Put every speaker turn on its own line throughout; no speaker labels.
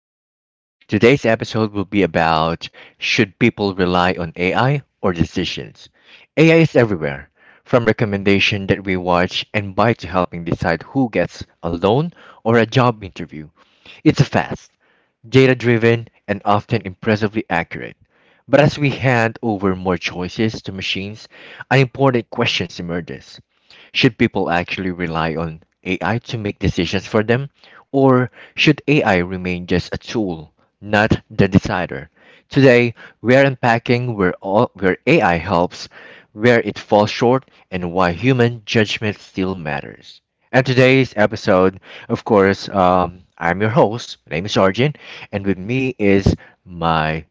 podcast. Today's episode will be about should people rely on AI or decisions? AI is everywhere, from recommendation that we watch and buy to helping decide who gets a loan or a job interview. It's fast, data-driven, and often impressively accurate. But as we hand over more choices to machines, an important question emerges. Should people actually rely on AI to make decisions for them, or should AI remain just a tool, not the decider? Today, we're unpacking where AI helps, where it falls short, and why human judgment still matters. And today's episode, of course, I'm your host. My name is Arjun, and with me is my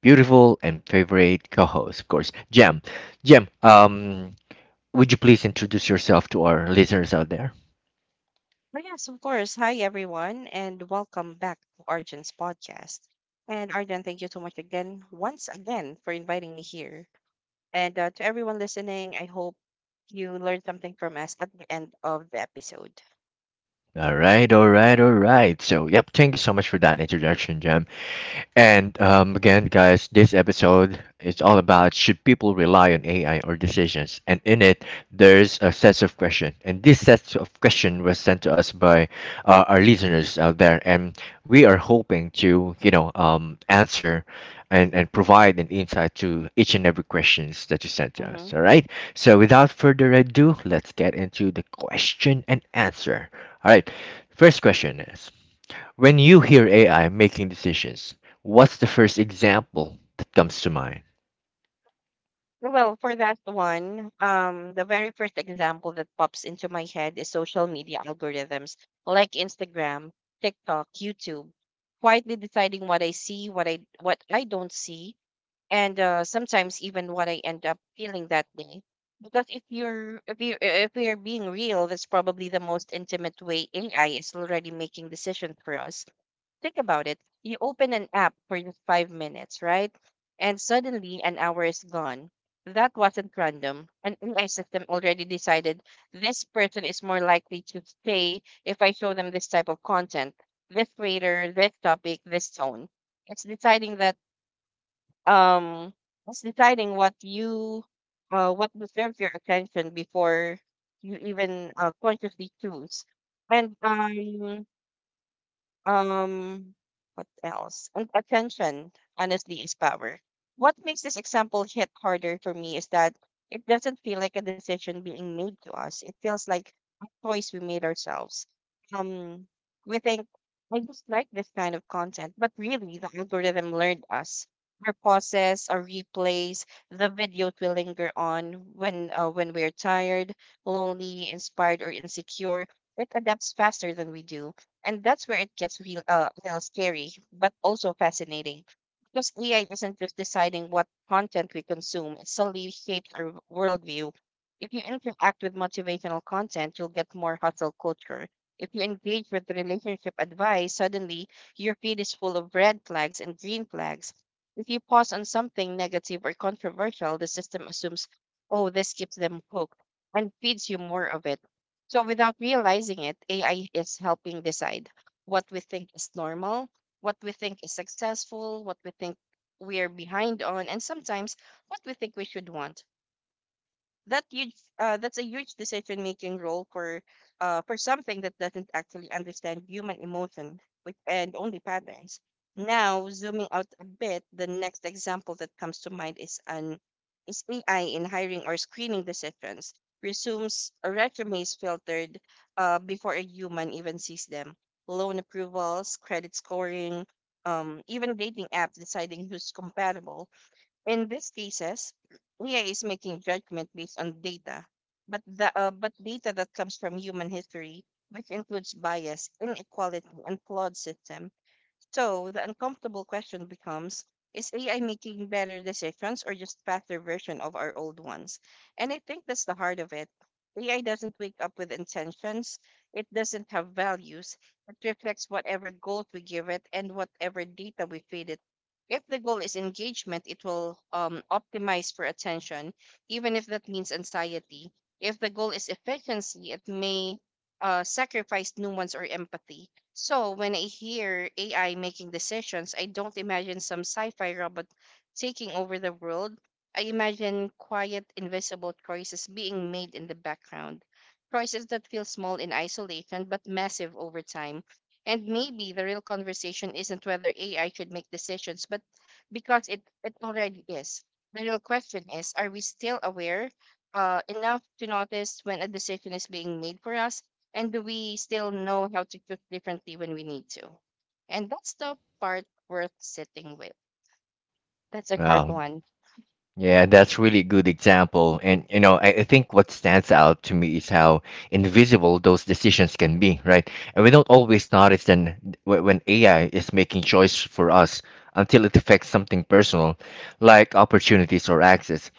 beautiful and favorite co-host, of course, Jem. Jem, would you please introduce yourself to our listeners out there?
Oh, yes, of course. Hi, everyone, and welcome back to Arjun's podcast. And Arjun, thank you so much again, once again, for inviting me here. And to everyone listening, I hope you learned something from us at the end of the episode.
All right, all right, all right. So, yep, thank you so much for that introduction, Jam. And again, guys, this episode is all about should people rely on AI or decisions? And in it, there's a set of question. And this set of question was sent to us by our listeners out there, and we are hoping to, answer and provide an insight to each and every questions that you sent to
Hmm.
us. All right. So without further ado, let's get into the question and answer. All right. First question is. When you hear AI making decisions, what's the first example that comes to mind?
Well, for that one, the very first example that pops into my head is social media algorithms like Instagram, TikTok, YouTube, quietly deciding what I see, what I don't see, and sometimes even what I end up feeling that day. Because if you're if you if we are being real, that's probably the most intimate way AI is already making decisions for us. Think about it. You open an app for just 5 minutes, right? And suddenly an hour is gone. That wasn't random. An AI system already decided this person is more likely to stay if I show them this type of content, this creator, this topic, this tone. It's deciding that um it's deciding what you what deserves your attention before you even consciously choose and um, what else? And attention, honestly, is power. What makes this example hit harder for me is that it doesn't feel like a decision being made to us. It feels like a choice we made ourselves. Um, we think, I just like this kind of content, but really, the algorithm learned us. Our pauses, our replays, the videos we linger on when we're tired, lonely, inspired, or insecure. It adapts faster than we do, and that's where it gets real scary, but also fascinating. Because AI isn't just deciding what content we consume, it solely shapes our worldview. If you interact with motivational content, you'll get more hustle culture. If you engage with relationship advice, suddenly your feed is full of red flags and green flags. If you pause on something negative or controversial, the system assumes, oh, this keeps them hooked and feeds you more of it. So without realizing it, AI is helping decide what we think is normal, what we think is successful, what we think we are behind on, and sometimes what we think we should want. That huge uh, that's a huge decision making role for something that doesn't actually understand human emotion with and only patterns. Now zooming out a bit, the next example that comes to mind is an is AI in hiring or screening decisions. Resumes filtered before a human even sees them, loan approvals, credit scoring, even dating apps deciding who's compatible. In these cases, AI is making judgment based on data, but the but data that comes from human history, which includes bias, inequality, and flawed system. So the uncomfortable question becomes, is AI making better decisions or just faster version of our old ones? And I think that's the heart of it. AI doesn't wake up with intentions. It doesn't have values. It reflects whatever goals we give it and whatever data we feed it. If the goal is engagement, it will optimize for attention, even if that means anxiety. If the goal is efficiency, it may sacrifice nuance or empathy. So when I hear AI making decisions, I don't imagine some sci-fi robot taking over the world. I imagine quiet, invisible choices being made in the background. Choices that feel small in isolation but massive over time. And maybe the real conversation isn't whether AI should make decisions, but because it already is. The real question is, are we still aware enough to notice when a decision is being made for us? And we still know how to cook differently when we need to. And that's the part worth sitting with. That's a hard
Well,
one.
yeah, that's really good example. And you know, I think what stands out to me is how invisible those decisions can be, right? And we don't always notice then when AI is making choice for us until it affects something personal, like opportunities or access.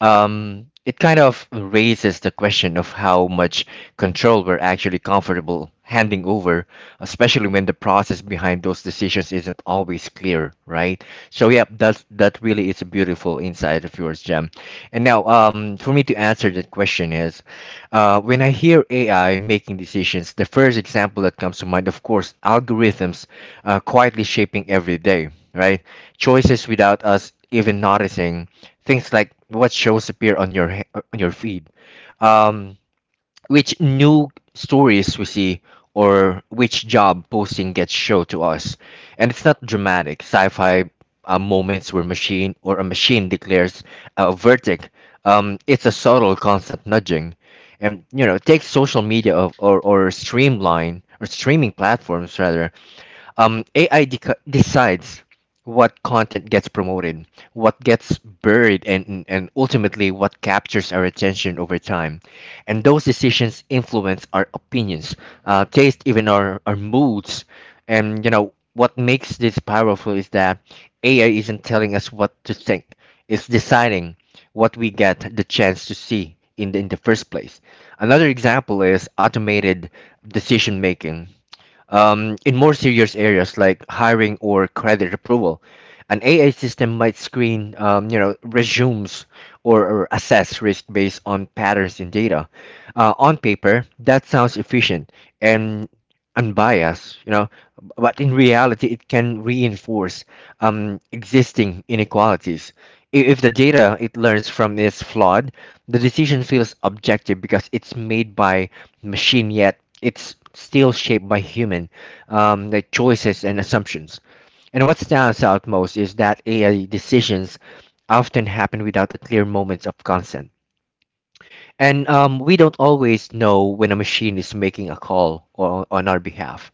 It kind of raises the question of how much control we're actually comfortable handing over, especially when the process behind those decisions isn't always clear, right? So yeah, that's that really is a beautiful insight of yours, Jem. And now, for me to answer that question is, when I hear AI making decisions, the first example that comes to mind, of course, algorithms quietly shaping every day, right? Choices without us even noticing things like what shows appear on your on your feed, um, which new stories we see, or which job posting gets shown to us. And it's not dramatic sci-fi moments where machine or a machine declares a verdict. It's a subtle, constant nudging, and you know, take social media of, or streamline or streaming platforms rather, AI decides what content gets promoted, what gets buried, and ultimately what captures our attention over time. And those decisions influence our opinions, taste, even our moods. And you know what makes this powerful is that AI isn't telling us what to think; it's deciding what we get the chance to see in the first place. Another example is automated decision making. In more serious areas like hiring or credit approval, an AI system might screen, resumes or assess risk based on patterns in data. On paper, that sounds efficient and unbiased, you know, but in reality, it can reinforce existing inequalities. If the data it learns from is flawed, the decision feels objective because it's made by machine, yet it's still shaped by human choices and assumptions. And what stands out most is that AI decisions often happen without a clear moment of consent and we don't always know when a machine is making a call on our behalf.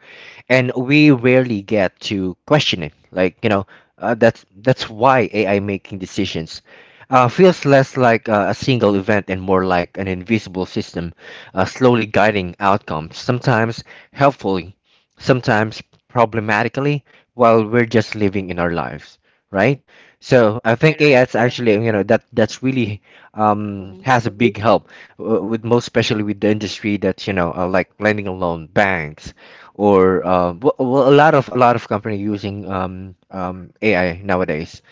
And we rarely get to question it. Like, you know, that's why AI making decisions feels less like a single event and more like an invisible system, slowly guiding outcomes, sometimes helpfully, sometimes problematically, while we're just living in our lives, right? So I
Right,
think AI
right.
is actually, you know, that's really
Hmm.
has a big help with, most especially, with the industry that you know, like lending a loan, banks, or well, a lot of company using AI nowadays,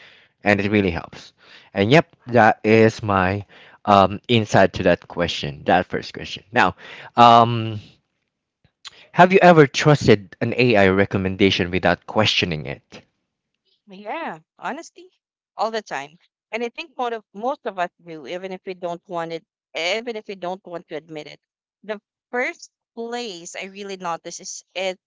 and it really helps. And yep, that is my insight to that question, that first question. Now, um, have you ever trusted an AI recommendation without questioning it?
Yeah, honesty, all the time. And I think most of us do, even if we don't want it, even if we don't want to admit it. The first place I really notice is it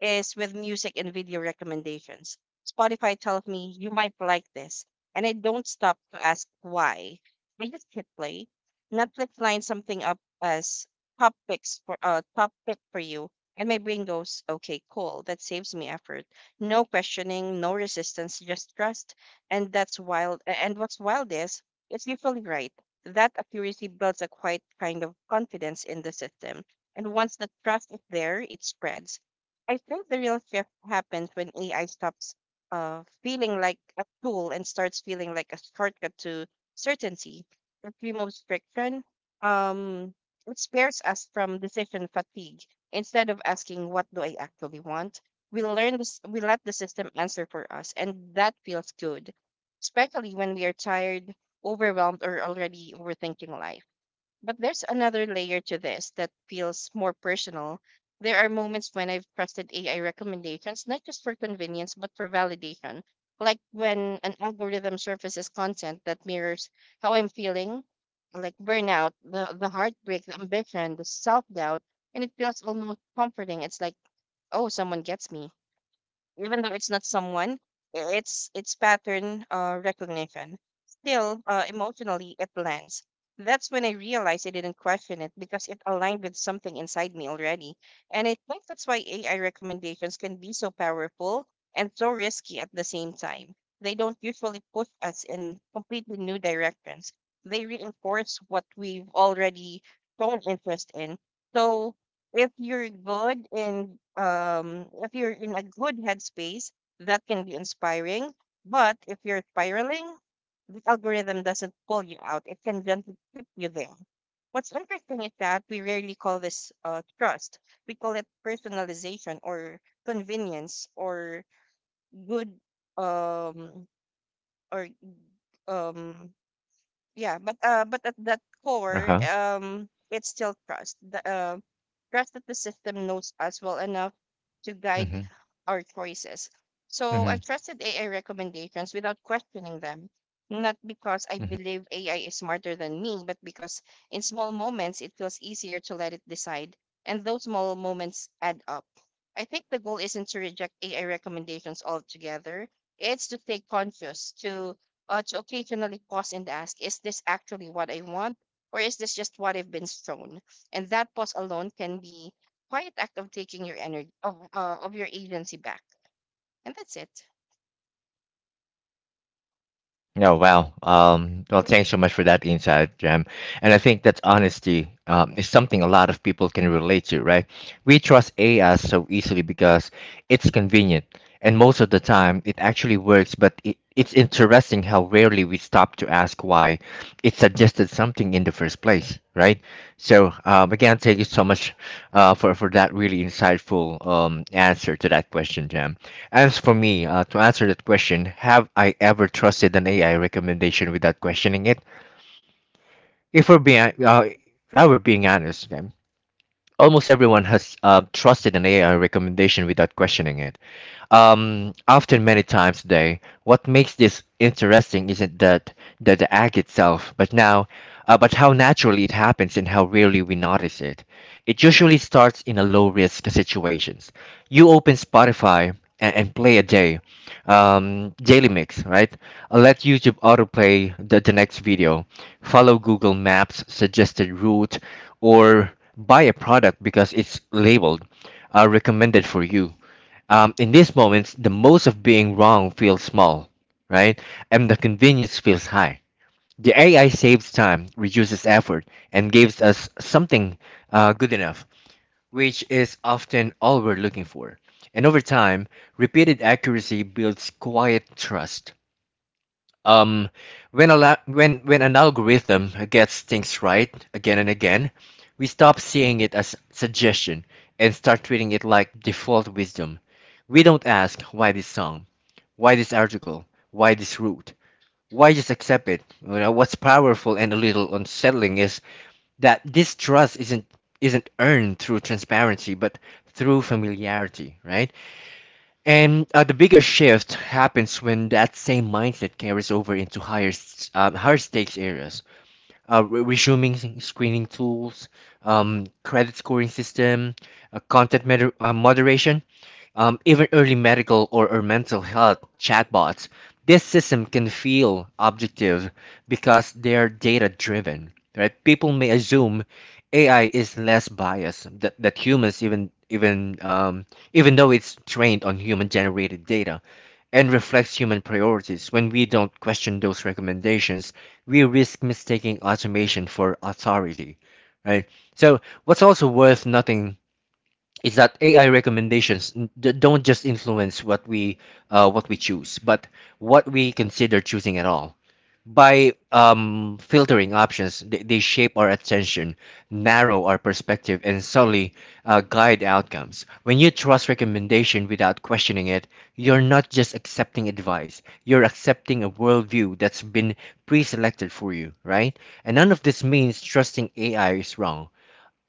is with music and video recommendations. Spotify tells me you might like this, and I don't stop to ask why. I just hit play. Netflix lines something up as top pick for you, and my brain goes, okay, cool. That saves me effort. No questioning, no resistance, just trust. And what's wild is it's usually right. That accuracy builds a quiet kind of confidence in the system. And once the trust is there, it spreads. I think the real shift happens when AI stops feeling like a tool and starts feeling like a shortcut to certainty. It removes friction. Um, it spares us from decision fatigue. Instead of asking, "What do I actually want?" we learn this. We let the system answer for us, and that feels good, especially when we are tired, overwhelmed, or already overthinking life. But there's another layer to this that feels more personal. There are moments when I've trusted AI recommendations, not just for convenience, but for validation. Like when an algorithm surfaces content that mirrors how I'm feeling, like burnout, the heartbreak, the ambition, the self doubt, and it feels almost comforting. It's like, oh, someone gets me, even though it's not someone, it's pattern recognition. Still, emotionally, it lands. That's when I realized I didn't question it because it aligned with something inside me already. And I think that's why AI recommendations can be so powerful and so risky at the same time. They don't usually push us in completely new directions. They reinforce what we've already shown interest in. So if you're in a good headspace, that can be inspiring, but if you're spiraling, the algorithm doesn't pull you out. It can gently keep you there. What's interesting is that we rarely call this trust. We call it personalization, or convenience, good um or um yeah. But at that core
Uh-huh.
um it's still trust, the trust that the system knows us well enough to guide
Mm-hmm.
our choices. So
Mm-hmm.
I've trusted AI recommendations without questioning them, not because I believe AI is smarter than me, but because in small moments it feels easier to let it decide, and those small moments add up. I think the goal isn't to reject AI recommendations altogether. It's to stay conscious, to occasionally pause and ask, is this actually what I want? Or is this just what I've been shown? And that pause alone can be quiet act of taking your energy of your agency back. And that's it.
Oh, wow. Well, thanks so much for that insight, Jam. And I think that honesty is something a lot of people can relate to, right? We trust AI so easily because it's convenient, and most of the time it actually works, but it's interesting how rarely we stop to ask why it suggested something in the first place, right? So, again, thank you so much for that really insightful answer to that question, Jam. As for me, to answer that question, have I ever trusted an AI recommendation without questioning it? If if I were being honest, almost everyone has trusted an AI recommendation without questioning it, often many times a day. What makes this interesting isn't that the act itself, but but how naturally it happens and how rarely we notice it. It usually starts in a low risk situations. You open Spotify and play a daily mix, right? Let YouTube autoplay the next video, follow Google Maps suggested route, or buy a product because it's labeled recommended for you. In these moments, the most of being wrong feels small, right? And the convenience feels high. The AI saves time, reduces effort, and gives us something good enough, which is often all we're looking for. And over time, repeated accuracy builds quiet trust. Um, when when an algorithm gets things right again and again, we stop seeing it as suggestion and start treating it like default wisdom. We don't ask why this song, why this article, why this route. Why just accept it? You know, what's powerful and a little unsettling is that this trust isn't earned through transparency, but through familiarity, right? And the bigger shift happens when that same mindset carries over into higher stakes areas, resuming screening tools, credit scoring system, moderation, even early medical or mental health chatbots, this system can feel objective because they're data driven, right? People may assume AI is less biased that humans, even even though it's trained on human generated data and reflects human priorities. When we don't question those recommendations, we risk mistaking automation for authority, right? So what's also worth nothing is that AI don't just influence what we choose, but what we consider choosing at all. By filtering options, they shape our attention, narrow our perspective, and solely guide outcomes. When you trust recommendation without questioning it, you're not just accepting advice; you're accepting a worldview that's been pre-selected for you, right? And none of this means trusting AI is wrong.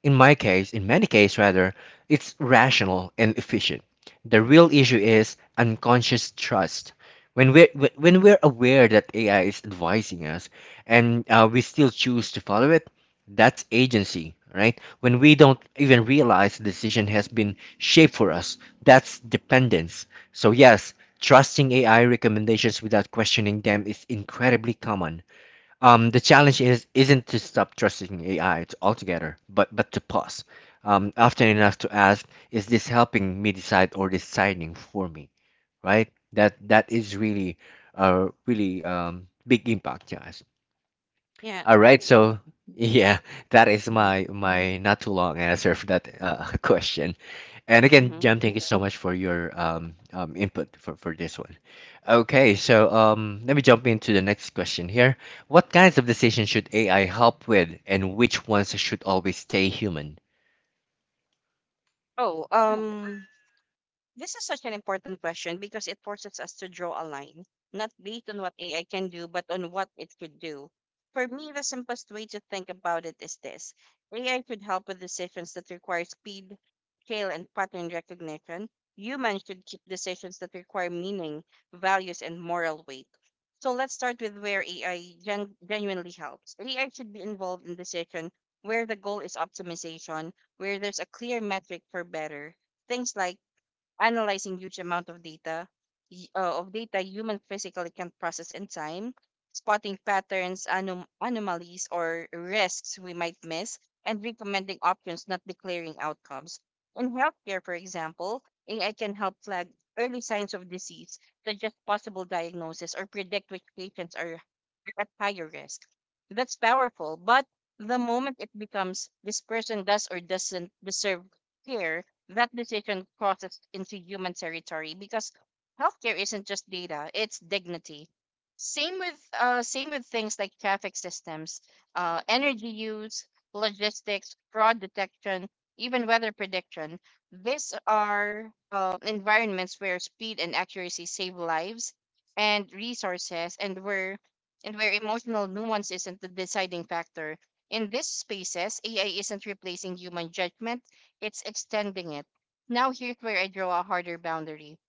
In many cases rather, it's rational and efficient. The real issue is unconscious trust. When we're aware that AI is advising us, and we still choose to follow it, that's agency, right? When we don't even realize the decision has been shaped for us, that's dependence. So yes, trusting AI recommendations without questioning them is incredibly common. The challenge is isn't to stop trusting AI altogether, but to pause often enough to ask, is this helping me decide or deciding for me? Right? That is really, a really big impact, yeah.
Yeah.
All right, so yeah, that is
Mm-hmm.
my not too long answer for that question. And again,
Mm-hmm.
Jam, thank you so much for your input for this one. Okay, so let me jump into the next question here. What kinds of decisions should AI help with, and which ones should always stay human?
Oh, um, This is such an important question because it forces us to draw a line, not based on what AI can do, but on what it could do. For me, the simplest way to think about it is this: AI could help with decisions that require speed, scale, and pattern recognition. Humans should keep decisions that require meaning, values, and moral weight. So let's start with where AI genuinely helps. AI should be involved in decision where the goal is optimization, where there's a clear metric for better. Things like analyzing huge amount of data of data human physically can process in time, spotting patterns, anomalies, or risks we might miss, and recommending options, not declaring outcomes. In healthcare, for example, AI can help flag early signs of disease, suggest possible diagnosis, or predict which patients are at higher risk. That's powerful, but the moment it becomes this person does or doesn't deserve care, that decision crosses into human territory, because healthcare isn't just data, it's dignity. Same with things like traffic systems, energy use, logistics, fraud detection, even weather prediction. These are environments where speed and accuracy save lives and resources, and where emotional nuance isn't the deciding factor. In these spaces, AI isn't replacing human judgment, it's extending it. Now, here's where I draw a harder boundary.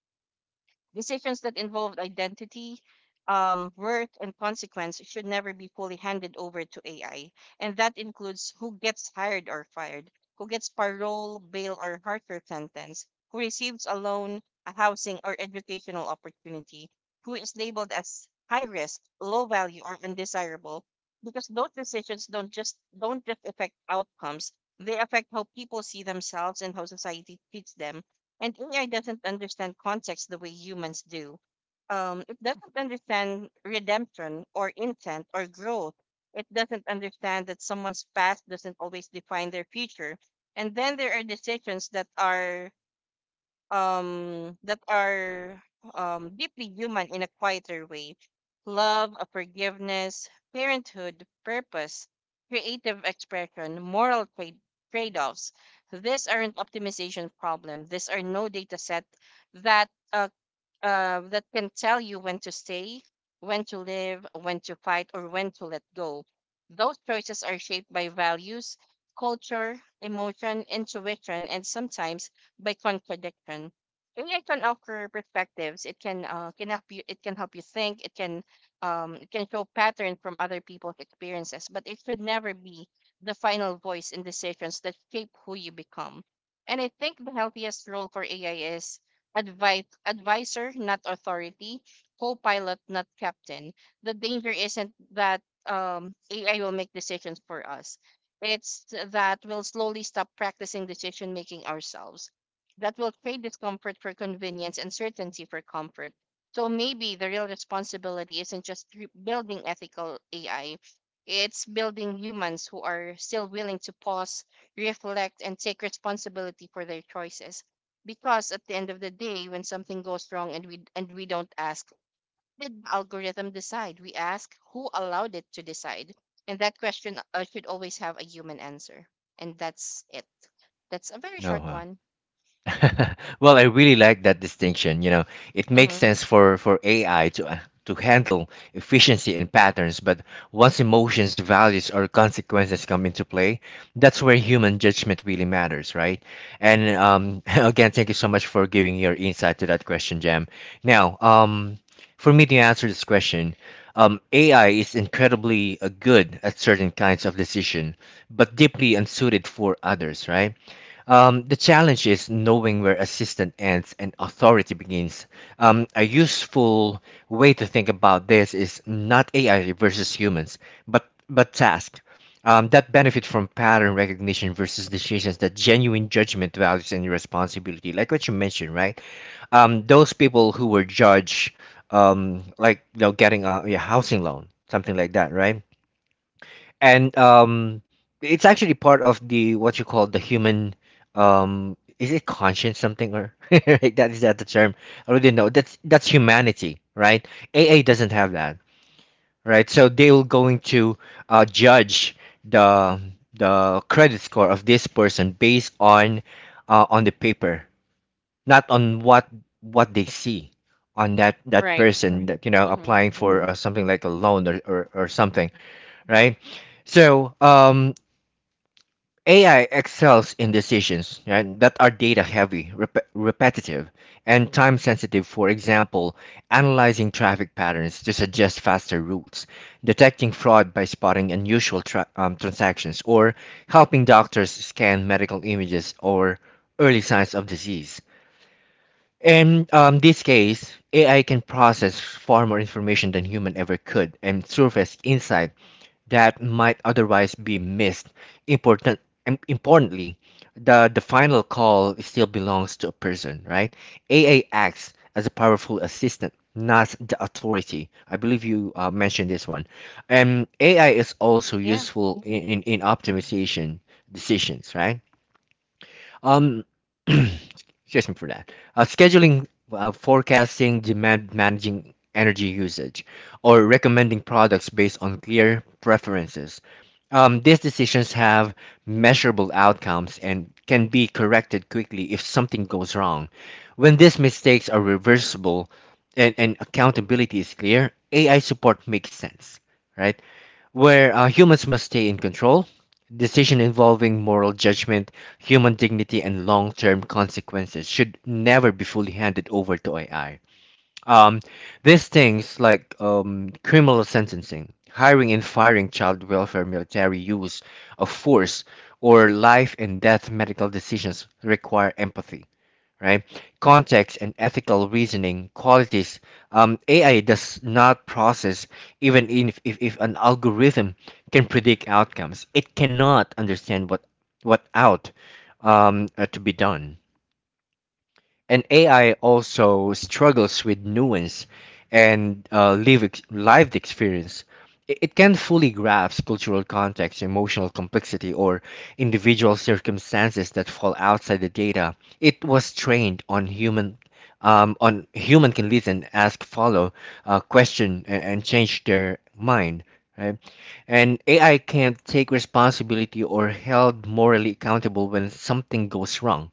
Decisions that involved identity, worth, and consequence should never be fully handed over to AI. And that includes who gets hired or fired, who gets parole, bail, or harsher sentence, who receives a loan, a housing, or educational opportunity, who is labeled as high risk, low value, or undesirable. Because those decisions don't just affect outcomes, they affect how people see themselves and how society treats them. And AI doesn't understand context the way humans do. It doesn't understand redemption or intent or growth. It doesn't understand that someone's past doesn't always define their future. And then there are decisions that are um that are deeply human in a quieter way: love, forgiveness, parenthood, purpose, creative expression, moral trade-offs. These aren't optimization problem these are no data set that that can tell you when to stay, when to live, when to fight, or when to let go. Those choices are shaped by values, culture, emotion, intuition, and sometimes by contradiction. AI can offer perspectives. It can help you. It can help you think. It can show pattern from other people's experiences. But it should never be the final voice in decisions that shape who you become. And I think the healthiest role for AI is advice advisor, not authority; co-pilot, not captain. The danger isn't that AI will make decisions for us. It's that we'll slowly stop practicing decision making ourselves, that will trade discomfort for convenience and certainty for comfort. So maybe the real responsibility isn't just building ethical AI, it's building humans who are still willing to pause, reflect, and take responsibility for their choices. Because at the end of the day when something goes wrong, and we don't ask did the algorithm decide, we ask who allowed it to decide. And that question should always have a human answer. And that's it. That's a very
No,
short
huh?
one.
Well, I really like that distinction. You know, it makes
Mm-hmm.
sense for AI to handle efficiency and patterns, but once emotions, values, or consequences come into play, that's where human judgment really matters, right? And again, thank you so much for giving your insight to that question, Jam. Now, for me to answer this question, AI is incredibly good at certain kinds of decision, but deeply unsuited for others, right? The challenge is knowing where assistance ends and authority begins. A useful way to think about this is not AI versus humans, but task that benefit from pattern recognition versus decisions that genuine judgment values and responsibility, like what you mentioned, right? Those people who were judged, like, getting a housing loan, something like that, right? and It's actually part of the what you call the human, is it conscience something or right, that is that the term? I already know that's humanity, right? AA doesn't have that, right? So they're going to judge the credit score of this person based on the paper, not on what they see on that
Right.
person that
Mm-hmm.
applying for something like a loan, or something, right? So AI excels in decisions, right, that are data heavy, repetitive, and time sensitive. For example, analyzing traffic patterns to suggest faster routes, detecting fraud by spotting unusual transactions, or helping doctors scan medical images or early signs of disease. In this case, AI can process far more information than human ever could and surface insight that might otherwise be missed. Important, Importantly, the final call still belongs to a person, right? AA acts as a powerful assistant, not the authority. I believe you mentioned this one. And AI is also
Yeah.
useful in, in optimization decisions, right? Um, excuse me for that. Scheduling, forecasting, demand managing energy usage, or recommending products based on clear preferences. These decisions have measurable outcomes and can be corrected quickly if something goes wrong. When these mistakes are reversible, and accountability is clear, AI support makes sense, right? Where humans must stay in control. Decision involving moral judgment, human dignity, and long-term consequences should never be fully handed over to AI. Um, these things like criminal sentencing, hiring and firing, child welfare, military use of force, or life and death medical decisions require empathy, right? Context and ethical reasoning qualities. AI does not process even if an algorithm can predict outcomes. It cannot understand what out to be done. And AI also struggles with nuance and lived experience. I- It can't fully grasp cultural context, emotional complexity, or individual circumstances that fall outside the data. It was trained on human. Can listen, ask, follow, question, and, change their mind. Right? And AI can't take responsibility or held morally accountable when something goes wrong,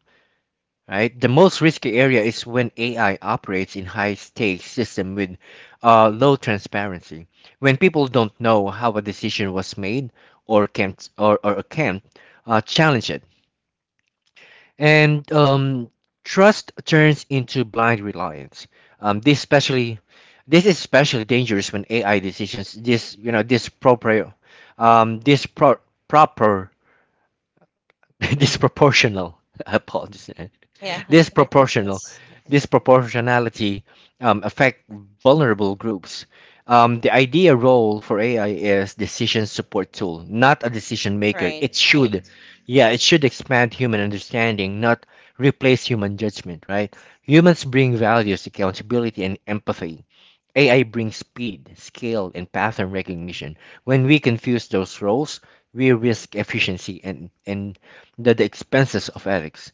right? The most risky area is when AI operates in high stakes system with low transparency. When people don't know how a decision was made or can challenge it. And Trust turns into blind reliance. Um, this especially this is especially dangerous when AI decisions this you know this proper this pro- proper disproportional apologies, eh,
Yeah.
disproportional
That's okay.
disproportionality affect vulnerable groups. The idea role for AI is decision support tool, not a decision maker. It
Right.
should. Correct. Yeah, it should expand human understanding, not replace human judgment, right? Humans bring values, accountability, and empathy. AI brings speed, scale, and pattern recognition. When we confuse those roles, we risk efficiency and, the expenses of ethics.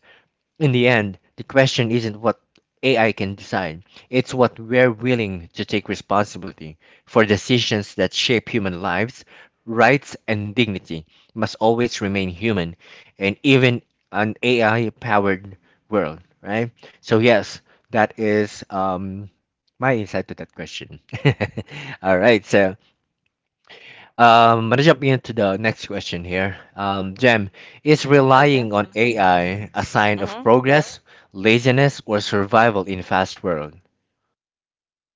In the end, the question isn't what AI can decide, it's what we're willing to take responsibility for. Decisions that shape human lives, rights, and dignity must always remain human, and even an AI powered world, right? So, yes, that is. My insight to that question. All right, so I'm gonna jump into the next question here. Jem, is
Okay.
relying on AI a sign of
Mm-hmm.
progress, laziness, or survival in fast world?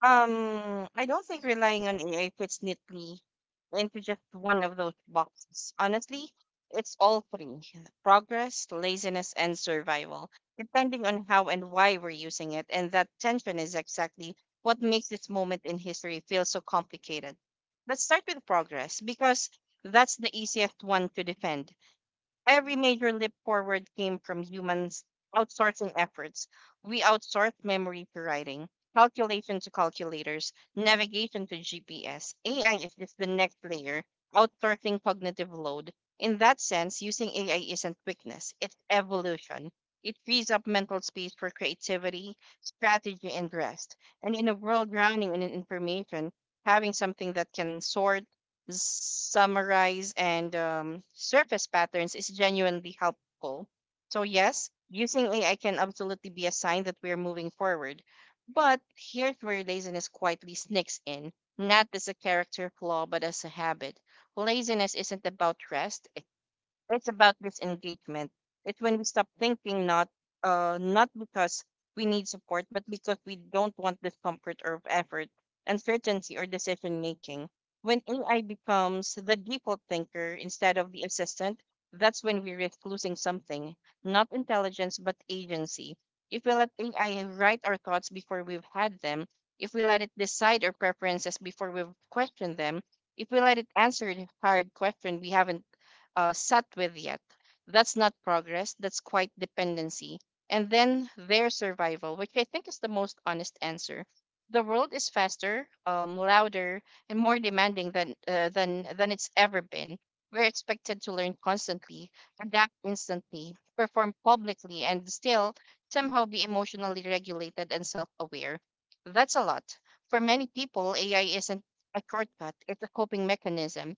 I don't think relying on AI fits neatly into just one of those boxes. Honestly, it's all three: progress, laziness, and survival, depending on how and why we're using it. And that tension is exactly what makes this moment in history feel so complicated. Let's start with progress, because that's the easiest one to defend. Every major leap forward came from humans outsourcing efforts. We outsourced memory to writing, calculation to calculators, navigation to GPS. AI is just the next layer, outsourcing cognitive load. In that sense, using AI isn't weakness, it's evolution. It frees up mental space for creativity, strategy, and rest. And in a world drowning in information, having something that can sort, summarize, and surface patterns is genuinely helpful. So, yes, using AI can absolutely be a sign that we're moving forward. But here's where laziness quietly sneaks in, not as a character flaw, but as a habit. Laziness isn't about rest, it's about this engagement. It's when we stop thinking, not because we need support, but because we don't want discomfort or effort, uncertainty or decision making. When AI becomes the default thinker instead of the assistant, that's when we risk losing something, not intelligence but agency. If we let AI write our thoughts before we've had them, if we let it decide our preferences before we've questioned them, if we let it answer the hard question we haven't sat with yet. That's not progress, that's quite dependency. And then their survival, which I think is the most honest answer. The world is faster, louder, and more demanding than, than it's ever been. We're expected to learn constantly, adapt instantly, perform publicly, and still somehow be emotionally regulated and self aware. That's a lot. For many people, AI isn't a shortcut, it's a coping mechanism,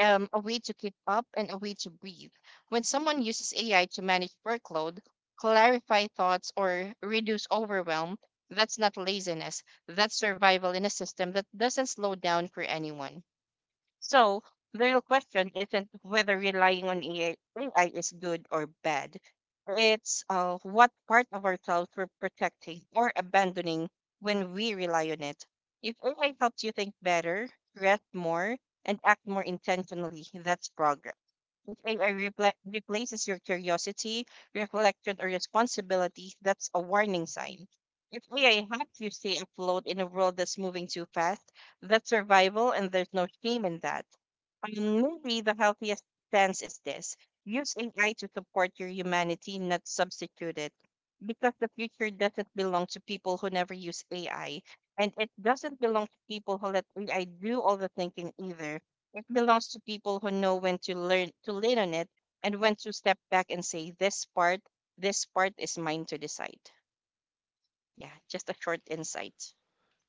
a way to keep up and a way to breathe. When someone uses AI to manage workload, clarify thoughts, or reduce overwhelm, that's not laziness. That's survival in a system that doesn't slow down for anyone. So the real question isn't whether relying on AI is good or bad. It's what part of ourselves we're protecting or abandoning when we rely on it. If AI helps you think better, rest more, and act more intentionally, that's progress. If AI replaces your curiosity, reflection, or responsibility, that's a warning sign. If AI helps you stay afloat in a world that's moving too fast, that's survival, and there's no shame in that. Maybe the healthiest stance is this: use AI to support your humanity, not substitute it. Because the future doesn't belong to people who never use AI. And it doesn't belong to people who let AI do all the thinking either. It belongs to people who know when to learn to lean on it and when to step back and say, this part is mine to decide. Yeah, just a short insight.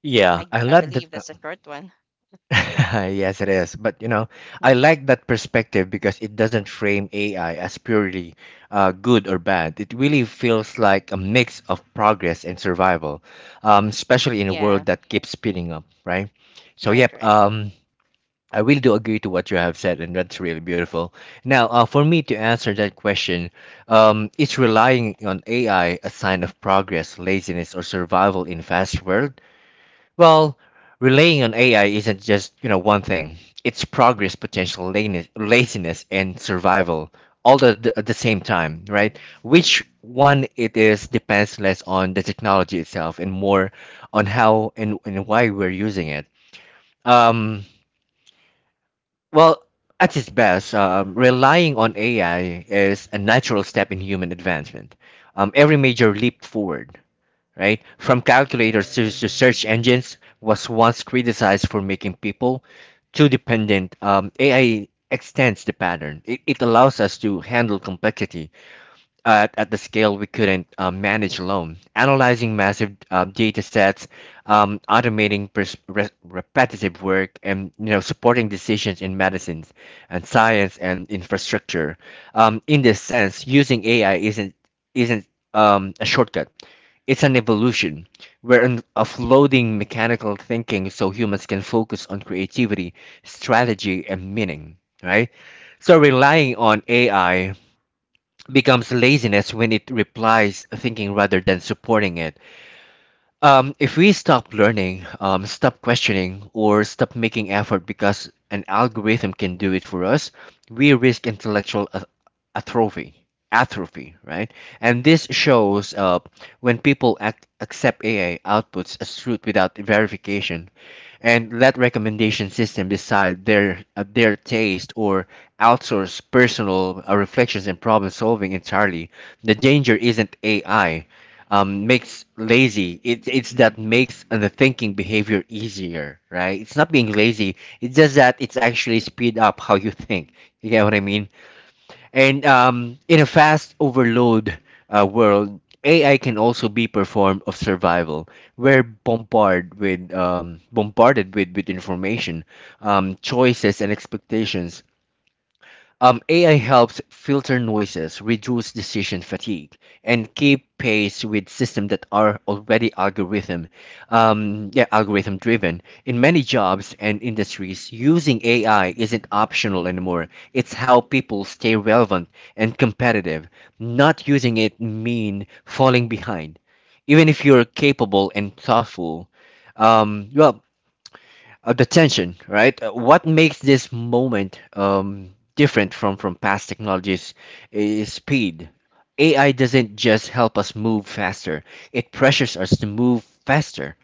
Yeah, I
I
love
believe
that.
that's a short one.
Yes, it is. But you know,
Mhm.
I like that perspective because it doesn't frame AI as purely good or bad. It really feels like a mix of progress and survival, especially in a
Yeah,
world that keeps speeding up, right? So,
right,
yep.
right.
I really do agree to what you have said, and that's really beautiful. Now, for me to answer that question, is relying on AI a sign of progress, laziness, or survival in fast world? Well, relying on AI isn't just one thing. It's progress, potential laziness, and survival all at the same time, right? Which one it is depends less on the technology itself and more on how and, why we're using it. Um, well, at its best, relying on AI is a natural step in human advancement. Every major leap forward, right, from calculators to search engines, was once criticized for making people too dependent. AI extends the pattern. It allows us to handle complexity at the scale we couldn't manage alone. Analyzing massive data sets, automating repetitive work, and supporting decisions in medicines and science and infrastructure. In this sense, using AI isn't a shortcut. It's an evolution. We're offloading mechanical thinking so humans can focus on creativity, strategy, and meaning. Right. So relying on AI becomes laziness when it replies thinking rather than supporting it. If we stop learning, stop questioning, or stop making effort because an algorithm can do it for us, we risk intellectual atrophy. Atrophy, right? And this shows up when people accept AI outputs as truth without verification, and let recommendation system decide their taste or outsource personal reflections and problem solving entirely. The danger isn't AI makes lazy. It, it's that makes the thinking behavior easier, right? It's not being lazy. It's just that it's actually speed up how you think. You get what I mean? And in a fast overload world, AI can also be performed of survival. We're bombarded with with information, choices, and expectations. AI helps filter noises, reduce decision fatigue, and keep pace with systems that are already algorithm driven. In many jobs and industries, using AI isn't optional anymore. It's how people stay relevant and competitive. Not using it mean falling behind even if you're capable and thoughtful. Well, the tension, right? What makes this moment different from, past technologies is speed. AI doesn't just help us move faster, it pressures us to move faster.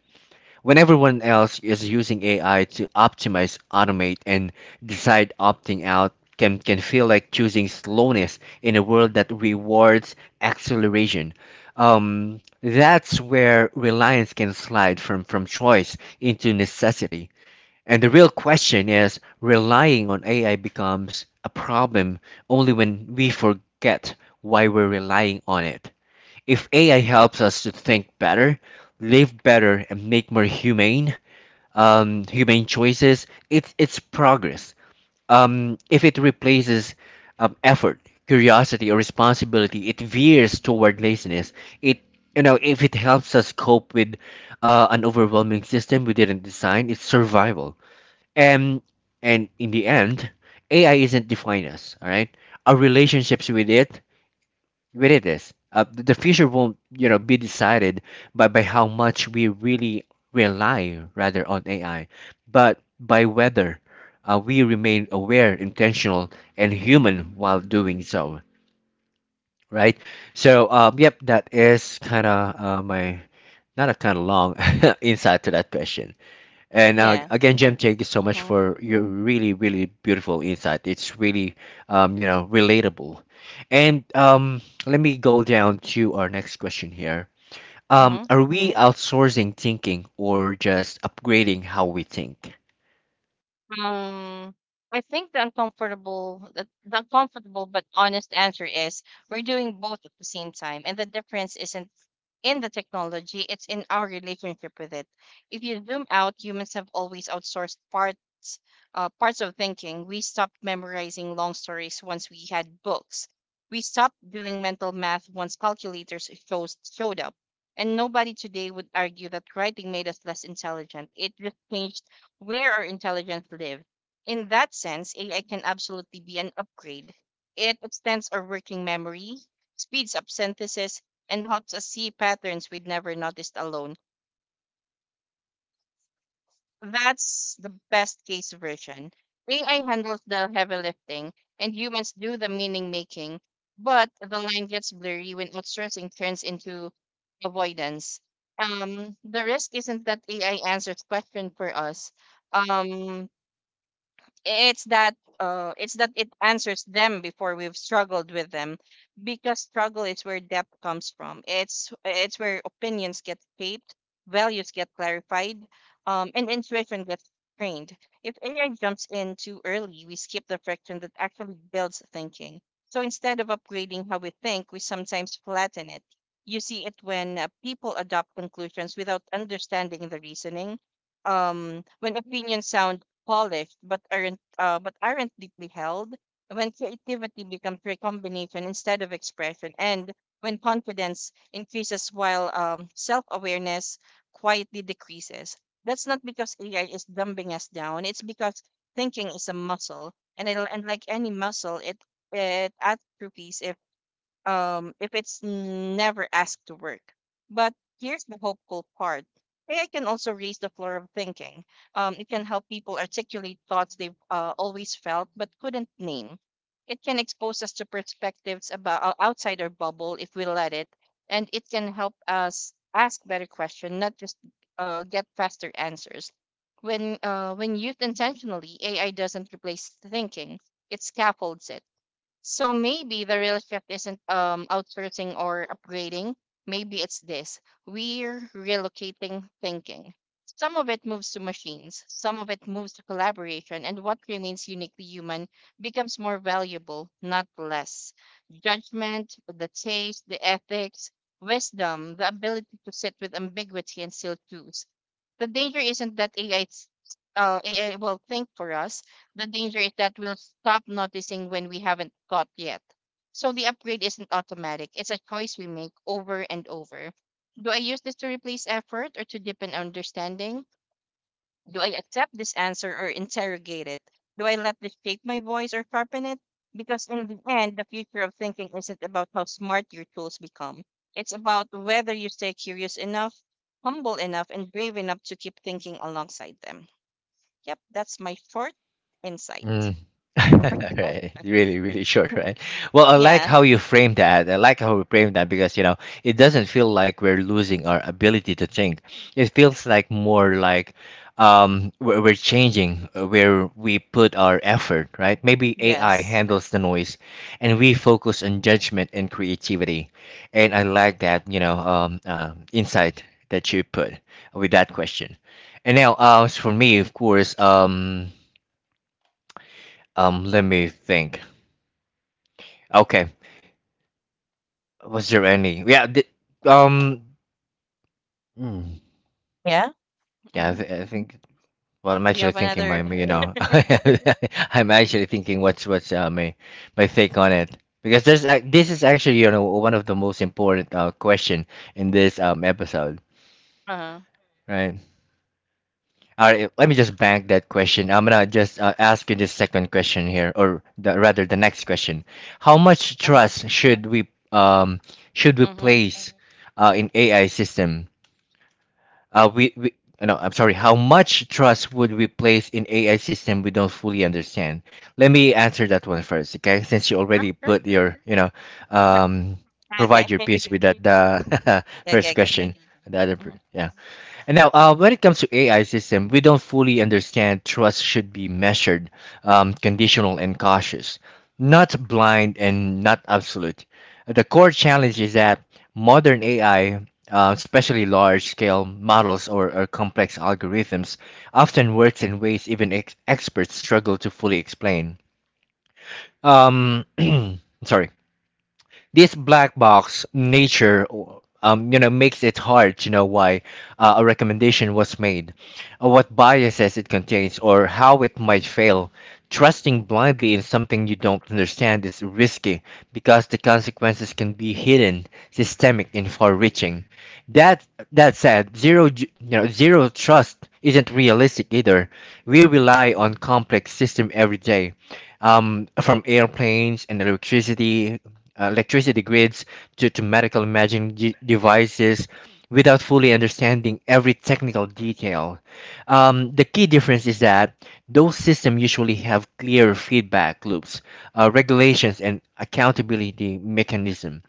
When everyone else is using AI to optimize, automate, and decide opting out, can feel like choosing slowness in a world that rewards acceleration. That's where reliance can slide from, choice into necessity. And the real question is relying on AI becomes a problem only when we forget why we're relying on it. If AI helps us to think better, live better, and make more humane, humane choices, it's progress. If it replaces effort, curiosity, or responsibility, it veers toward laziness. It, if it helps us cope with an overwhelming system we didn't design, it's survival. And and in the end, AI isn't defined us. All right, our relationships with it is. The future won't, you know, be decided by how much we really rely rather on AI, but by whether we remain aware, intentional, and human while doing so. Right. So, yep, that is kind of my not a kind of long insight to that question. And
Yeah.
again, Jim, thank you so much
Mm-hmm.
for your really, really beautiful insight. It's really, you know, relatable. And let me go down to our next question here.
Mm-hmm.
Are we outsourcing thinking or just upgrading how we think?
Um, I think the uncomfortable but honest answer is we're doing both at the same time, and the difference isn't in the technology; it's in our relationship with it. If you zoom out, humans have always outsourced parts of thinking. We stopped memorizing long stories once we had books. We stopped doing mental math once showed up. And nobody today would argue that writing made us less intelligent. It just changed where our intelligence live. In that sense, AI can absolutely be an upgrade. It extends our working memory, speeds up synthesis, and helps us see patterns we'd never noticed alone. That's the best case version. AI handles the heavy lifting, and humans do the meaning making, but the line gets blurry when outsourcing turns into avoidance. The risk isn't that AI answers question for us. Um, it's that it's that it answers them before we've struggled with them, because struggle is where depth comes from. It's where opinions get shaped, values get clarified, and intuition gets trained. If AI jumps in too early, we skip the friction that actually builds thinking. So instead of upgrading how we think, we sometimes flatten it. You see it when people adopt conclusions without understanding the reasoning, when opinions sound polished but aren't deeply held, when creativity becomes recombination instead of expression, and when confidence increases while self awareness quietly decreases. That's not because AI is dumbing us down, it's because thinking is a muscle, and like any muscle, it atrophies if it's never asked to work. But here's the hopeful part. AI can also raise the floor of thinking. It can help people articulate thoughts they've always felt but couldn't name. It can expose us to perspectives about outside our bubble if we let it, and it can help us ask better questions, not just get faster answers. When used intentionally, AI doesn't replace thinking; it scaffolds it. So maybe the real shift isn't outsourcing or upgrading. Maybe it's this: we're relocating thinking. Some of it moves to machines, some of it moves to collaboration, and what remains uniquely human becomes more valuable, not less. Judgment, the taste, the ethics, wisdom, the ability to sit with ambiguity and still choose. The danger isn't that AI will think for us. The danger is that we'll stop noticing when we haven't got yet. So the upgrade isn't automatic, it's a choice we make over and over. Do I use this to replace effort or to deepen understanding? Do I accept this answer or interrogate it? Do I let this shape my voice or sharpen it? Because in the end, the future of thinking isn't about how smart your tools become. It's about whether you stay curious enough, humble enough, and brave enough to keep thinking alongside them. Yep, that's my short insight
Mm.
for your question.
Right. Really, really short, right? Well, I like
Yeah.
how you frame that. I like how you frame that because, you know, it doesn't feel like we're losing our ability to think. It feels like more like we're changing where we put our effort, right? Maybe AI
Yes.
handles the noise and we focus on judgment and creativity. And I like that, you know, insight that you put with that question. And now, as for me, of course, let me think. Okay, was there any? Yeah, the, um, mm,
Yeah.
yeah, I,
Hmm.
I think. Well, I'm
Do you
actually
have
thinking my,
another?
you know, I'm actually thinking what's my take on it because there's ac this is actually one of the most important question in this episode,
Uh huh.
right? All right, let me just bank that question. I'm gonna just ask you this second question here, or the, rather the next question. How much
Uh huh.
trust should we
Mm-hmm.
place in AI system? We no, I'm sorry. How much trust would we place in AI system we don't fully understand? Let me answer that one first, okay? Since you
Oh,
already
sure.
put your um provide your
Okay.
piece with that the first
Okay. Okay.
question.
Hmm.
Yeah. And now, when it comes to AI system, we don't fully understand trust should be measured, conditional and cautious, not blind and not absolute. The core challenge is that modern AI, especially large-scale models or complex algorithms, often works in ways even experts struggle to fully explain. Um, sorry this black box nature makes it hard to know why a recommendation was made, or what biases it contains, or how it might fail. Trusting blindly in something you don't understand is risky because the consequences can be hidden, systemic, and far-reaching. That that said zero ju- you know zero trust isn't realistic either. We rely on complex system every day, from airplanes and electricity, electricity grids, to medical imaging devices, without fully understanding every technical detail. The key difference is that those systems usually have clear feedback loops, regulations, and accountability mechanism.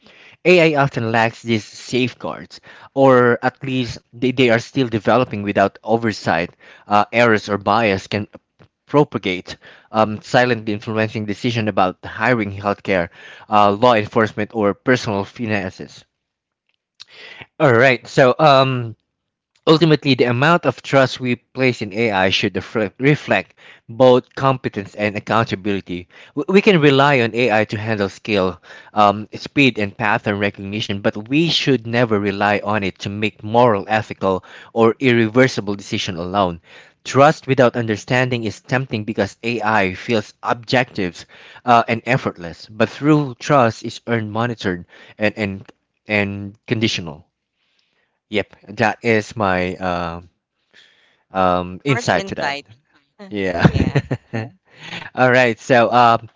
AI often lacks these safeguards, or at least they are still developing without oversight. Errors or bias can propagate, silently influencing decision about hiring, healthcare, law enforcement, or personal finances. All right, so, ultimately, the amount of trust we place in AI should reflect both competence and accountability. We can rely on AI to handle scale, speed, and pattern recognition, but we should never rely on it to make moral, ethical, or irreversible decision alone. Trust without understanding is tempting because AI feels objective and effortless, but through trust is earned, monitored, and and and conditional. Yep, that is my
Short
insight to that.
insight.
Yeah.
Yeah.
Yeah. All right. So, um,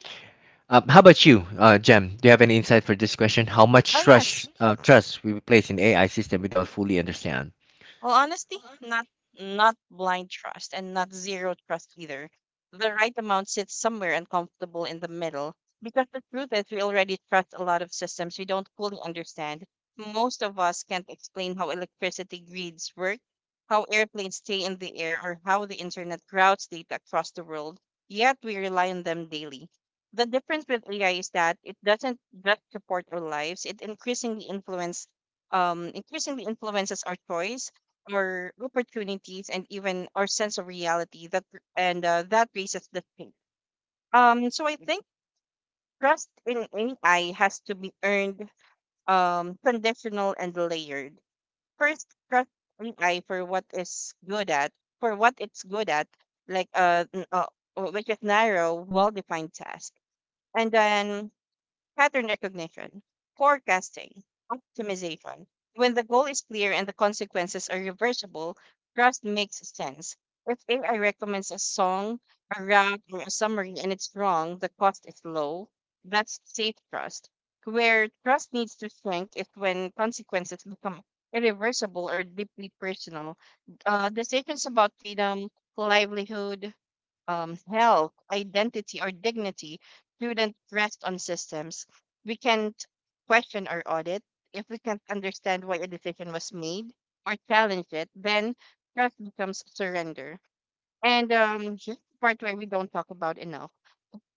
um, how about you, Jem? Do you have any insight for this question? How much
Oh
trust
yes.
trust we place in AI system we don't fully understand?
Well, honestly, not not blind trust and not zero trust either. The right amount sits somewhere uncomfortable in the middle. Because the truth is, we already trust a lot of systems we don't fully understand. Most of us can't explain how electricity grids work, how airplanes stay in the air, or how the internet routes data across the world, yet we rely on them daily. The difference with AI is that it doesn't just support our lives, it increasingly influences our choice, our opportunities, and even our sense of reality. That raises the thing. So I think trust in AI has to be earned, conditional and layered. First, trust ai for what is good at for what it's good at, like which is narrow well-defined task and then pattern recognition, forecasting, optimization. When the goal is clear and the consequences are reversible, trust makes sense. If AI recommends a song, a route, or a summary and it's wrong, the cost is low. That's safe trust. Where trust needs to shrink is when consequences become irreversible or deeply personal. Decisions about freedom, livelihood, health, identity, or dignity shouldn't rest on systems we can't question or audit. If we can't understand why a decision was made or challenge it, then trust becomes surrender. And Here's the part where we don't talk about enough.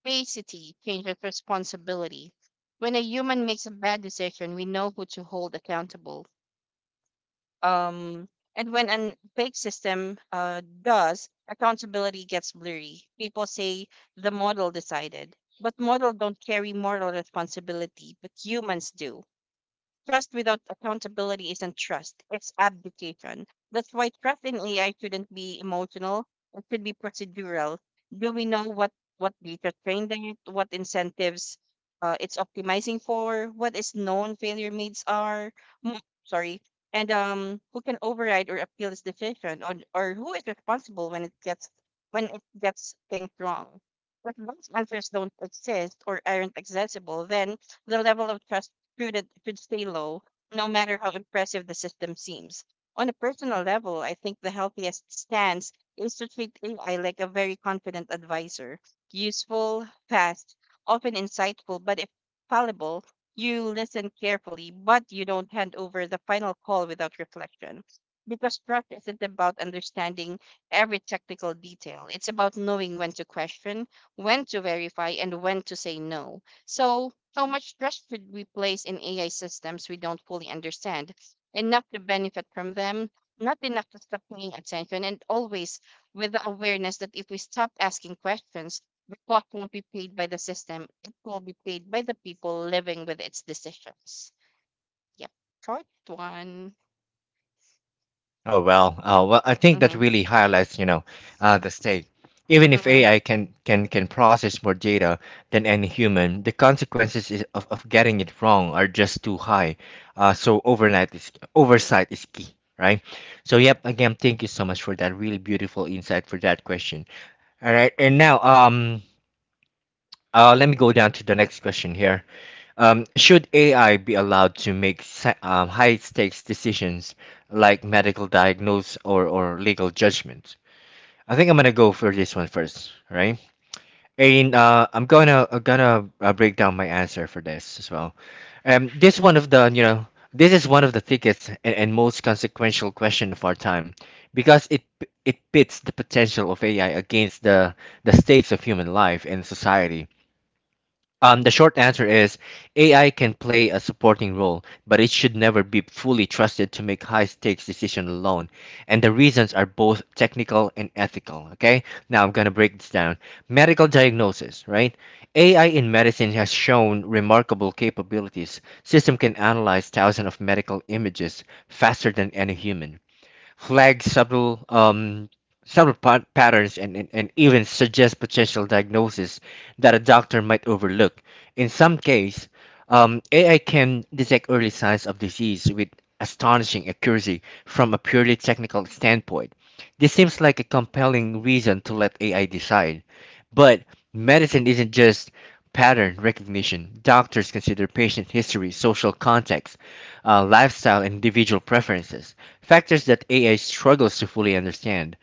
Basicity changes responsibility. When a human makes a bad decision, we know who to hold accountable, um, and when an fake system does, accountability gets blurry. People say the model decided, but model don't carry moral responsibility, but humans do. Trust without accountability isn't trust, it's abdication. That's why trust in AI shouldn't be emotional, it should be procedural. Do we know what data trained it, what incentives it's optimizing for, what its known failure needs are? mo- Sorry. And Who can override or appeal this decision, or, who is responsible when it gets things wrong? If those answers don't exist or aren't accessible, then the level of trust student should stay low, no matter how impressive the system seems. On a personal level, I think the healthiest stance is to treat AI like a very confident advisor, useful, fast, often insightful, but if fallible, you listen carefully, but you don't hand over the final call without reflection. Because trust isn't about understanding every technical detail. It's about knowing when to question, when to verify, and when to say no. So how much trust should we place in AI systems we don't fully understand? Enough to benefit from them, not enough to stop paying attention, and always with the awareness that if we stop asking questions, the cost won't be paid by the system. It will be paid by the people living with its decisions. Yep. Short one.
Oh well, well, I think that
Mm-hmm.
really highlights, you know, the stake. Even if
Mm-hmm.
AI can process more data than any human, the consequences is, of getting it wrong are just too high. So overnight is oversight is key, right? So yep, again, thank you so much for that really beautiful insight for that question. All right, and now let me go down to the next question here. Should AI be allowed to make high stakes decisions like medical diagnose or legal judgment? I think I'm gonna go for this one first, right? And I'm gonna break down my answer for this as well. This one of the you know this is one of the thickest and most consequential question of our time because it pits the potential of AI against the stakes of human life and society. The short answer is AI can play a supporting role, but it should never be fully trusted to make high stakes decisions alone. And the reasons are both technical and ethical. Okay, now I'm gonna break this down. Medical diagnosis, right? AI in medicine has shown remarkable capabilities. System can analyze thousands of medical images faster than any human, flag subtle subtle patterns, and even suggest potential diagnoses that a doctor might overlook. In some cases, AI can detect early signs of disease with astonishing accuracy. From a purely technical standpoint, this seems like a compelling reason to let AI decide. But medicine isn't just pattern recognition. Doctors consider patient history, social context, lifestyle, and individual preferences, factors that AI struggles to fully understand.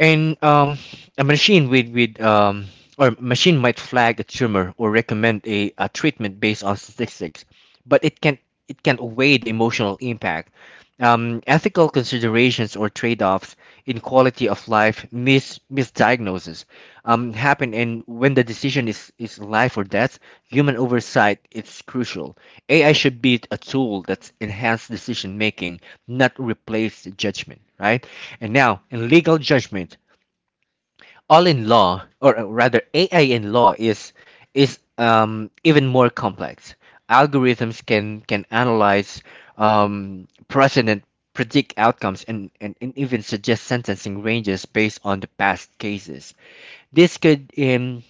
And a machine might flag a tumor or recommend a treatment based on statistics, but it can't weigh the emotional impact, ethical considerations, or trade-offs in quality of life. Misdiagnoses happen, and when the decision is life or death, human oversight is crucial. AI should be a tool that's enhanced decision making, not replace judgment, right? And now, in legal judgment, all in law, or rather AI in law is even more complex. Algorithms can analyze precedent, predict outcomes, and even suggest sentencing ranges based on the past cases. This could um,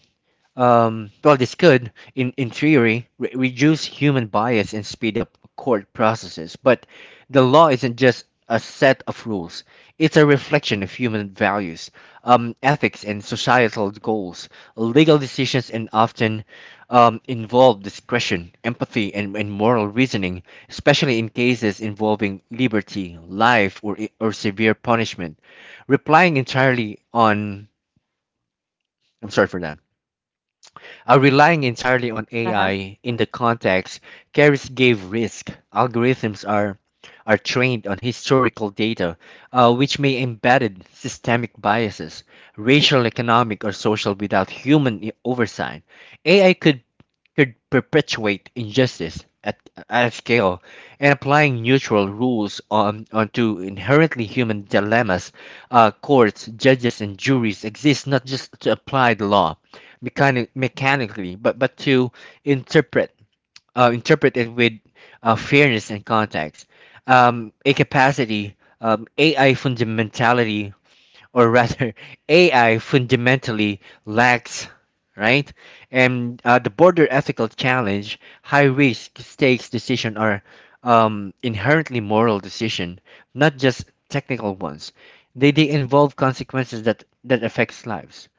um, well, this could, in theory, reduce human bias and speed up court processes. But the law isn't just a set of rules, it's a reflection of human values, ethics, and societal goals. Legal decisions and often involve discretion, empathy, and moral reasoning, especially in cases involving liberty, life, or severe punishment. Replying entirely on, I'm sorry for that Relying entirely on
Uh-huh.
AI in the context carries grave risk. Algorithms are trained on historical data, which may embed systemic biases, racial, economic, or social, without human oversight. AI could perpetuate injustice at a scale, and applying neutral rules onto inherently human dilemmas. Courts, judges, and juries exist not just to apply the law mechanically, but to interpret interpret it with fairness and context. A capacity, AI fundamentality or rather, AI fundamentally lacks, right? And the border ethical challenge, high risk stakes decision are inherently moral decision, not just technical ones. They involve consequences that affects lives,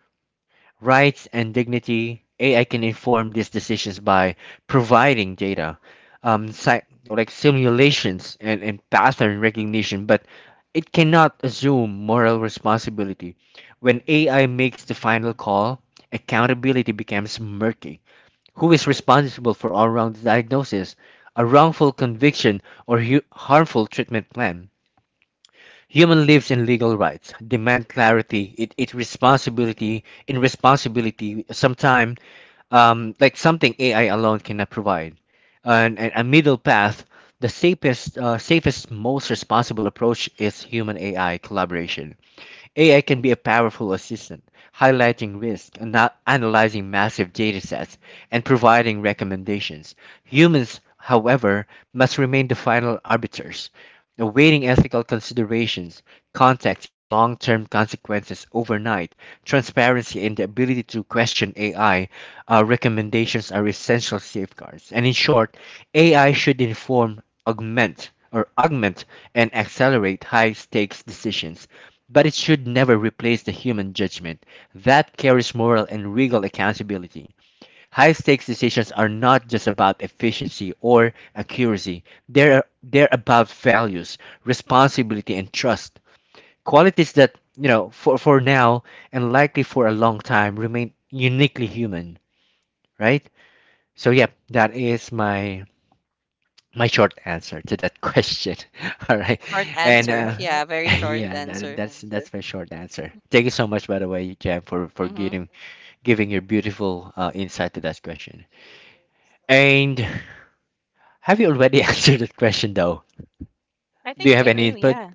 rights, and dignity. AI can inform these decisions by providing data, um, si- like simulations and pattern recognition, but it cannot assume moral responsibility. When AI makes the final call, accountability becomes murky. Who is responsible for a wrong diagnosis, a wrongful conviction, or harmful treatment plan? Human lives and legal rights demand clarity. It responsibility in responsibility. Sometime, something AI alone cannot provide. And A middle path. The safest, most responsible approach is human AI collaboration. AI can be a powerful assistant, highlighting risk, analyzing massive datasets, and providing recommendations. Humans, however, must remain the final arbiters, awaiting ethical considerations, context, and long term consequences overnight. Transparency and the ability to question AI recommendations are essential safeguards. And in short, AI should inform, augment, and accelerate high stakes decisions, but it should never replace the human judgment that carries moral and legal accountability. High stakes decisions are not just about efficiency or accuracy, they're about values, responsibility, and trust. Qualities that, you know, for now and likely for a long time remain uniquely human, right? So, yep, that is my short answer to that question. All right,
Short
and
answer. Yeah, very short
yeah,
answer.
that's my short answer. Thank you so much, by the way, Jam, for for
Mm-hmm.
giving giving your beautiful insight to that question. And have you already answered that question though?
I
Do
think
you have
I
any
do,
input?
yeah.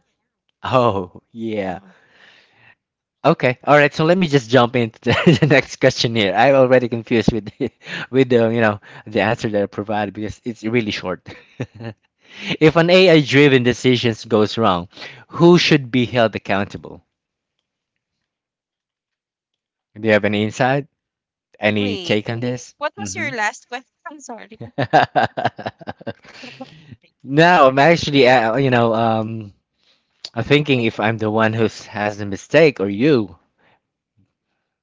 Oh yeah.
Mm-hmm.
Okay. All right. So let me just jump into the the next question here. I'm already confused with the with the the answer that I provided because it's really short. If an AI driven decision goes wrong, who should be held accountable? Do you have any insight? Any
Wait.
take on this?
What was your
Hmm.
last question? I'm sorry.
No, I'm actually, I'm
I
thinking
think
if
I,
I'm the one who has the mistake or you.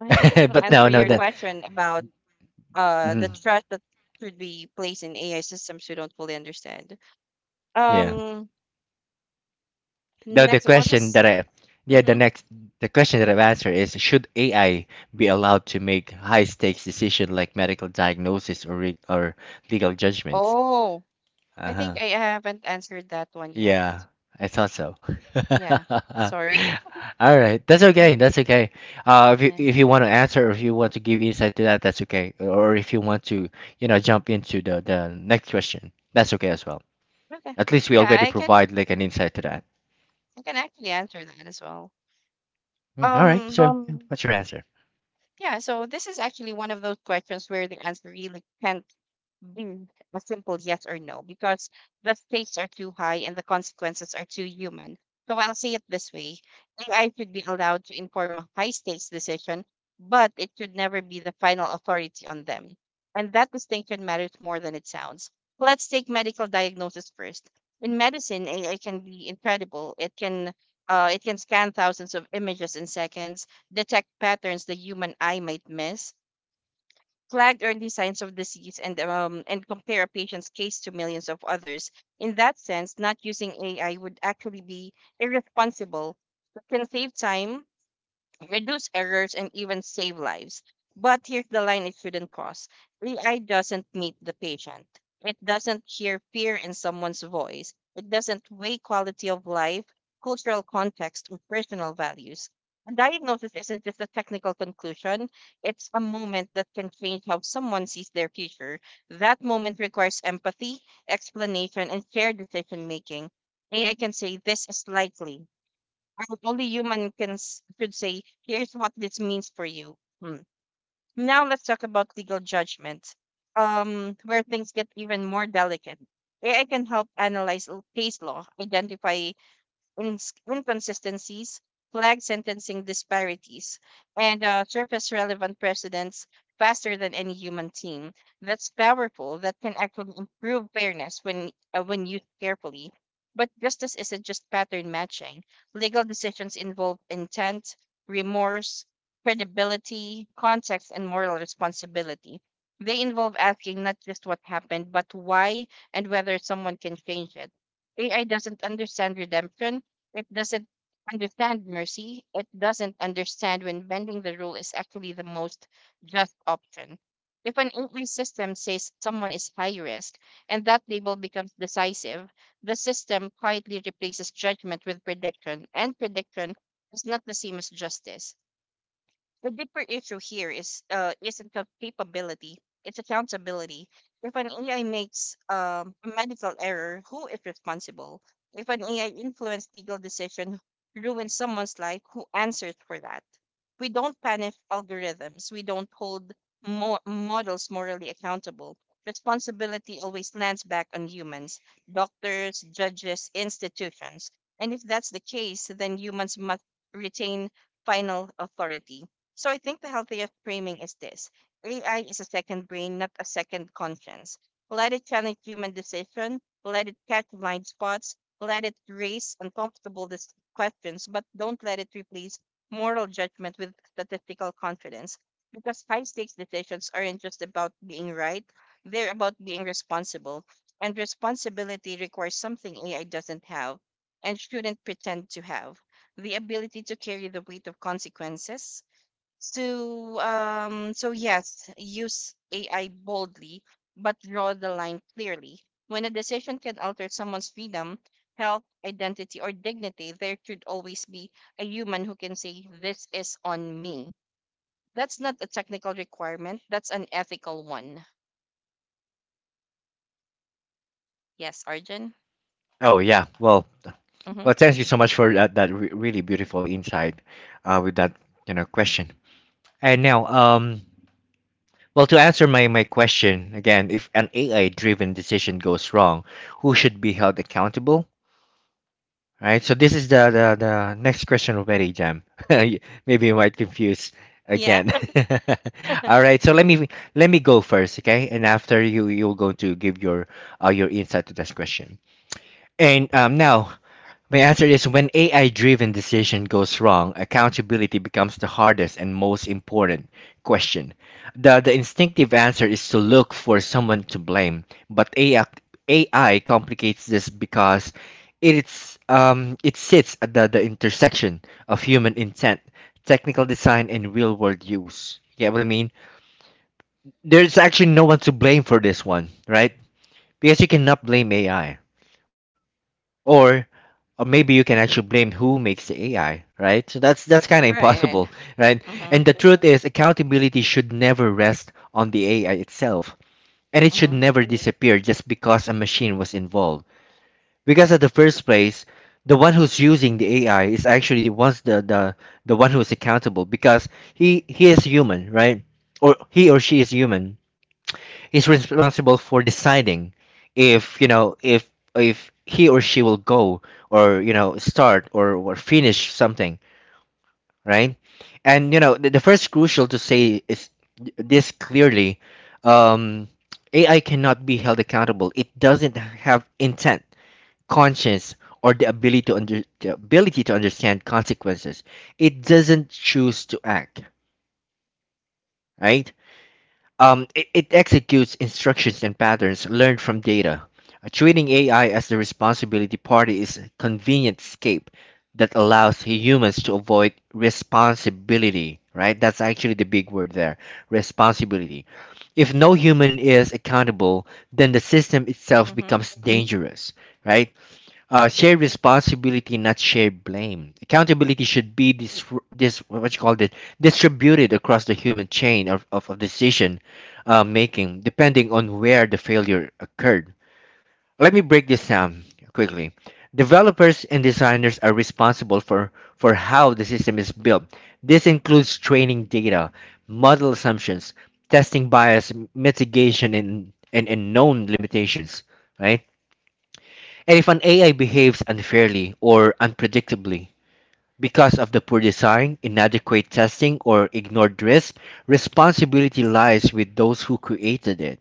I think I
But no,
answered your question about the
mhm,
trust that should be placed in AI systems we don't fully understand.
yeah.
Um,
No, the
Next, what
question
was?
that I, yeah, the
Mm-hmm.
next, the question that I've answered is should AI be allowed to make high stakes decision like medical diagnosis, or legal judgments?
Oh, I think
Uh-huh.
I haven't answered that one yet.
Yeah, I thought so.
Yeah, sorry.
All right, that's
Mhm,
okay. That's okay. If
yeah.
you want to answer, or if you want to give insight to that, that's okay. Or if you want to, you know, jump into the next question, that's okay as well.
Okay.
At least we
Yeah,
already
I can
provide like an insight to that.
I can actually answer that as well.
Mm, all right.
Um,
So, yeah. What's your answer?
yeah, so this is actually one of those questions where the answer really can't do a simple yes or no because the stakes are too high and the consequences are too human. So I'll say it this way, AI should be allowed to inform a high stakes decision, but it should never be the final authority on them. And that distinction matters more than it sounds. Let's take medical diagnosis first. In medicine, AI can be incredible. It can scan thousands of images in seconds, detect patterns the human eye might miss, flag early signs of disease and compare a patient's case to millions of others. In that sense, not using AI would actually be irresponsible. It can save time, reduce errors, and even save lives. But here's the line it shouldn't cross. AI doesn't meet the patient, it doesn't hear fear in someone's voice, it doesn't weigh quality of life, cultural context, or personal values. A diagnosis isn't just a technical conclusion. It's a moment that can change how someone sees their future. That moment requires empathy, explanation, and shared decision making. AI can say this is likely, and only human could say, here's what this means for you. Hmm. Now let's talk about legal judgment, where things get even more delicate. AI can help analyze case law, identify inconsistencies, flag sentencing disparities, and surface relevant precedents faster than any human team. That's powerful. That can actually improve fairness when used carefully. But justice isn't just pattern matching. Legal decisions involve intent, remorse, credibility, context, and moral responsibility. They involve asking not just what happened, but why and whether someone can change it. AI doesn't understand redemption, it doesn't understand mercy. It doesn't understand when bending the rule is actually the most just option. If an AI system says someone is high risk and that label becomes decisive, the system quietly replaces judgment with prediction, and prediction is not the same as justice. The deeper issue here is isn't capability, it's accountability. If an AI makes a medical error, who is responsible? If an AI influenced legal decision ruins someone's life, who answers for that? We don't punish algorithms. We don't hold models morally accountable. Responsibility always lands back on humans, doctors, judges, institutions. And if that's the case, then humans must retain final authority. So I think the healthiest framing is this: AI is a second brain, not a second conscience. Let it challenge human decision, let it catch blind spots, let it raise uncomfortable questions, but don't let it replace moral judgment with statistical confidence. Because high stakes decisions aren't just about being right, they're about being responsible. And responsibility requires something AI doesn't have and shouldn't pretend to have, the ability to carry the weight of consequences. So yes, use AI boldly, but draw the line clearly. When a decision can alter someone's freedom, health, identity, or dignity, there should always be a human who can say, "This is on me." That's not a technical requirement, that's an ethical one. Yes, Arjun?
Oh yeah. Well,
Mm-hmm.
well, thank you so much for that re really beautiful insight, with that you know question. And now. Well, to answer my question again, if an AI driven decision goes wrong, who should be held accountable? Right. So this is the next question already, Jam. You- Maybe you might confuse
Yeah.
again. All right. So let me go first, okay? And after you you're going to give your insight to this question. And now my answer is when AI driven decision goes wrong, accountability becomes the hardest and most important question. The instinctive answer is to look for someone to blame, but AI complicates this because it sits at the intersection of human intent, technical design, and real world use. You get what I mean? There's actually no one to blame for this one, right? Because you cannot blame AI or or maybe you can actually blame who makes the AI, right? So that's kind of
Right, right.
impossible, right?
Mm-hmm.
And the truth is, accountability should never rest on the AI itself, and it should
Mm-hmm.
never disappear just because a machine was involved. Because at the first place, the one who's using the AI is actually the the one who is accountable because he is human, right? Or he or she is human is responsible for deciding if you know if he or she will go or start or finish something, right. And the first crucial to say is this clearly. um, AI cannot be held accountable. It doesn't have intent, conscience, or the ability to understand consequences. It doesn't choose to act, right. It executes instructions and patterns learned from data. Treating AI as the responsibility party is a convenient escape that allows humans to avoid responsibility, right? That's actually the big word there, responsibility. If no human is accountable, then the system itself
Mm-hmm.
becomes dangerous, right? Shared responsibility, not shared blame. Accountability should be this, this what you call it, distributed across the human chain of decision making, depending on where the failure occurred. Let me break this down quickly. Developers and designers are responsible for how the system is built. This includes training data, model assumptions, testing bias, mitigation, and known limitations, right? And if an AI behaves unfairly or unpredictably, because of the poor design, inadequate testing, or ignored risk, responsibility lies with those who created it.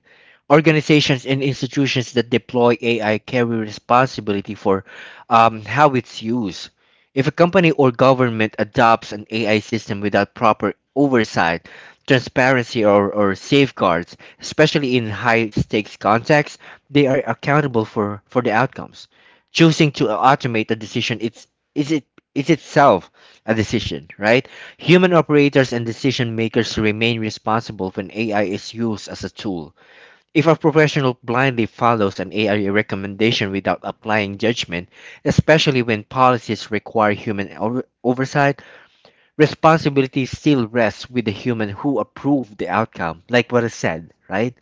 Organizations and institutions that deploy AI carry responsibility for how it's used. If a company or government adopts an AI system without proper oversight, transparency, or safeguards, especially in high stakes contexts, they are accountable for the outcomes. Choosing to automate a decision is it is itself a decision, right? Human operators and decision makers remain responsible when AI is used as a tool. If a professional blindly follows an AI recommendation without applying judgment, especially when policies require oversight, responsibility still rests with the human who approved the outcome, like what I said, right?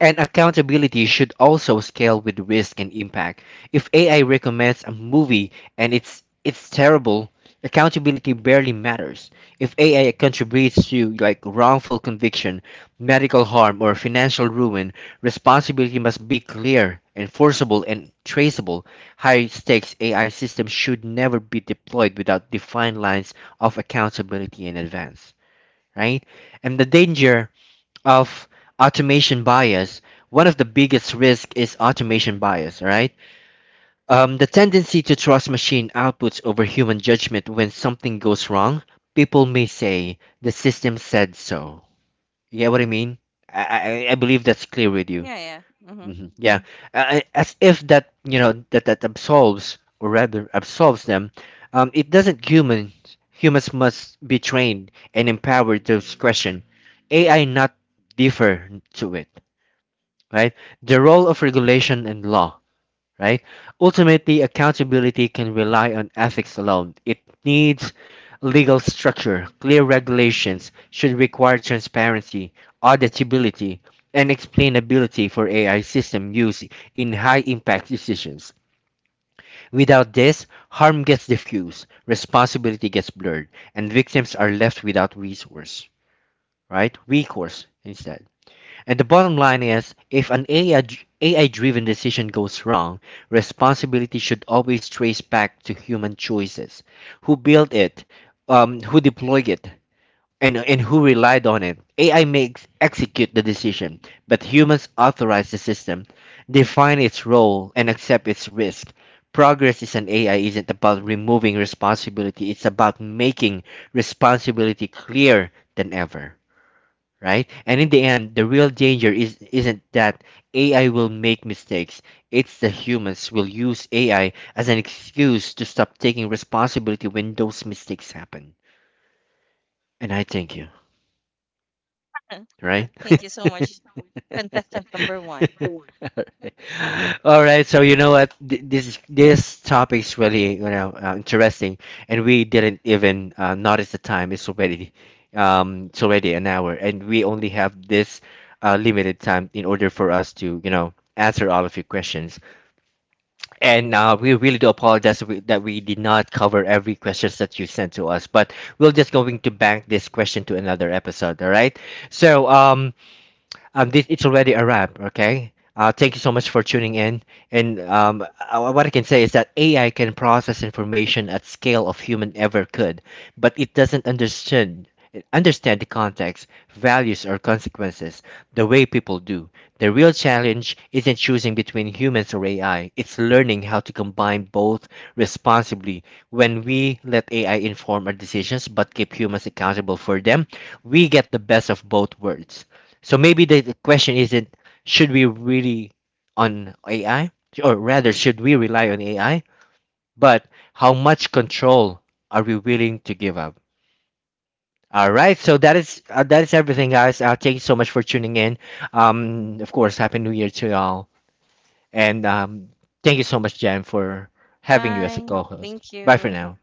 And accountability should also scale with risk and impact. If AI recommends a movie and it's terrible, accountability barely matters. If AI contributes to like wrongful conviction, medical harm, or financial ruin, responsibility must be clear, enforceable, and traceable. High stakes AI systems should never be deployed without defined lines of accountability in advance, right? And the danger of automation bias, one of the biggest risks is automation bias, right? The tendency to trust machine outputs over human judgment when something goes wrong. People may say, the system said so. You get what I mean? I believe that's clear with you.
Yeah, yeah. Mm-hmm.
Hmm. Yeah. As if that, you know, that absolves, or rather absolves them. It doesn't. Humans, humans must be trained and empowered to discretion. AI not differ to it, right? The role of regulation and law, right? Ultimately, accountability can rely on ethics alone. It needs legal structure. Clear regulations should require transparency, auditability, and explainability for AI system use in high impact decisions. Without this, harm gets diffused, responsibility gets blurred, and victims are left without resource, right? Recourse, instead. And the bottom line is, if an AI driven decision goes wrong, responsibility should always trace back to human choices. Who built it, who deployed it, and who relied on it. AI makes execute the decision, but humans authorize the system, define its role, and accept its risk. Progress is an AI isn't about removing responsibility, it's about making responsibility clearer than ever, right? And in the end, the real danger is isn't that AI will make mistakes. It's the humans will use AI as an excuse to stop taking responsibility when those mistakes happen. And I thank you, right?
Thank you so much, contestant number one.
All right. Right. So you know what? This is this topic's really, interesting, and we didn't
Mhm.
even notice the time. It's already an hour, and we only have this limited time in order for us to answer all of your questions. And we really do apologize that we did not cover every questions that you sent to us, but we're just going to bank this question to another episode. All right. So um this it's already a wrap. Okay. Thank you so much for tuning in. And what I can say is that AI can process information at scale of human ever could, but it doesn't understand the context, values, or consequences the way people do. The real challenge isn't choosing between humans or AI, it's learning how to combine both responsibly. When we let AI inform our decisions but keep humans accountable for them, we get the best of both worlds. So maybe the question isn't should we really on AI, or rather should we rely on AI, but how much control are we willing to give up? All right, so that is everything, guys. Thank you so much for tuning in. Of course, happy New Year to y'all, and thank you so much, Jen, for having you as a
Bye.
co-host.
Thank
Bye for
you.
now.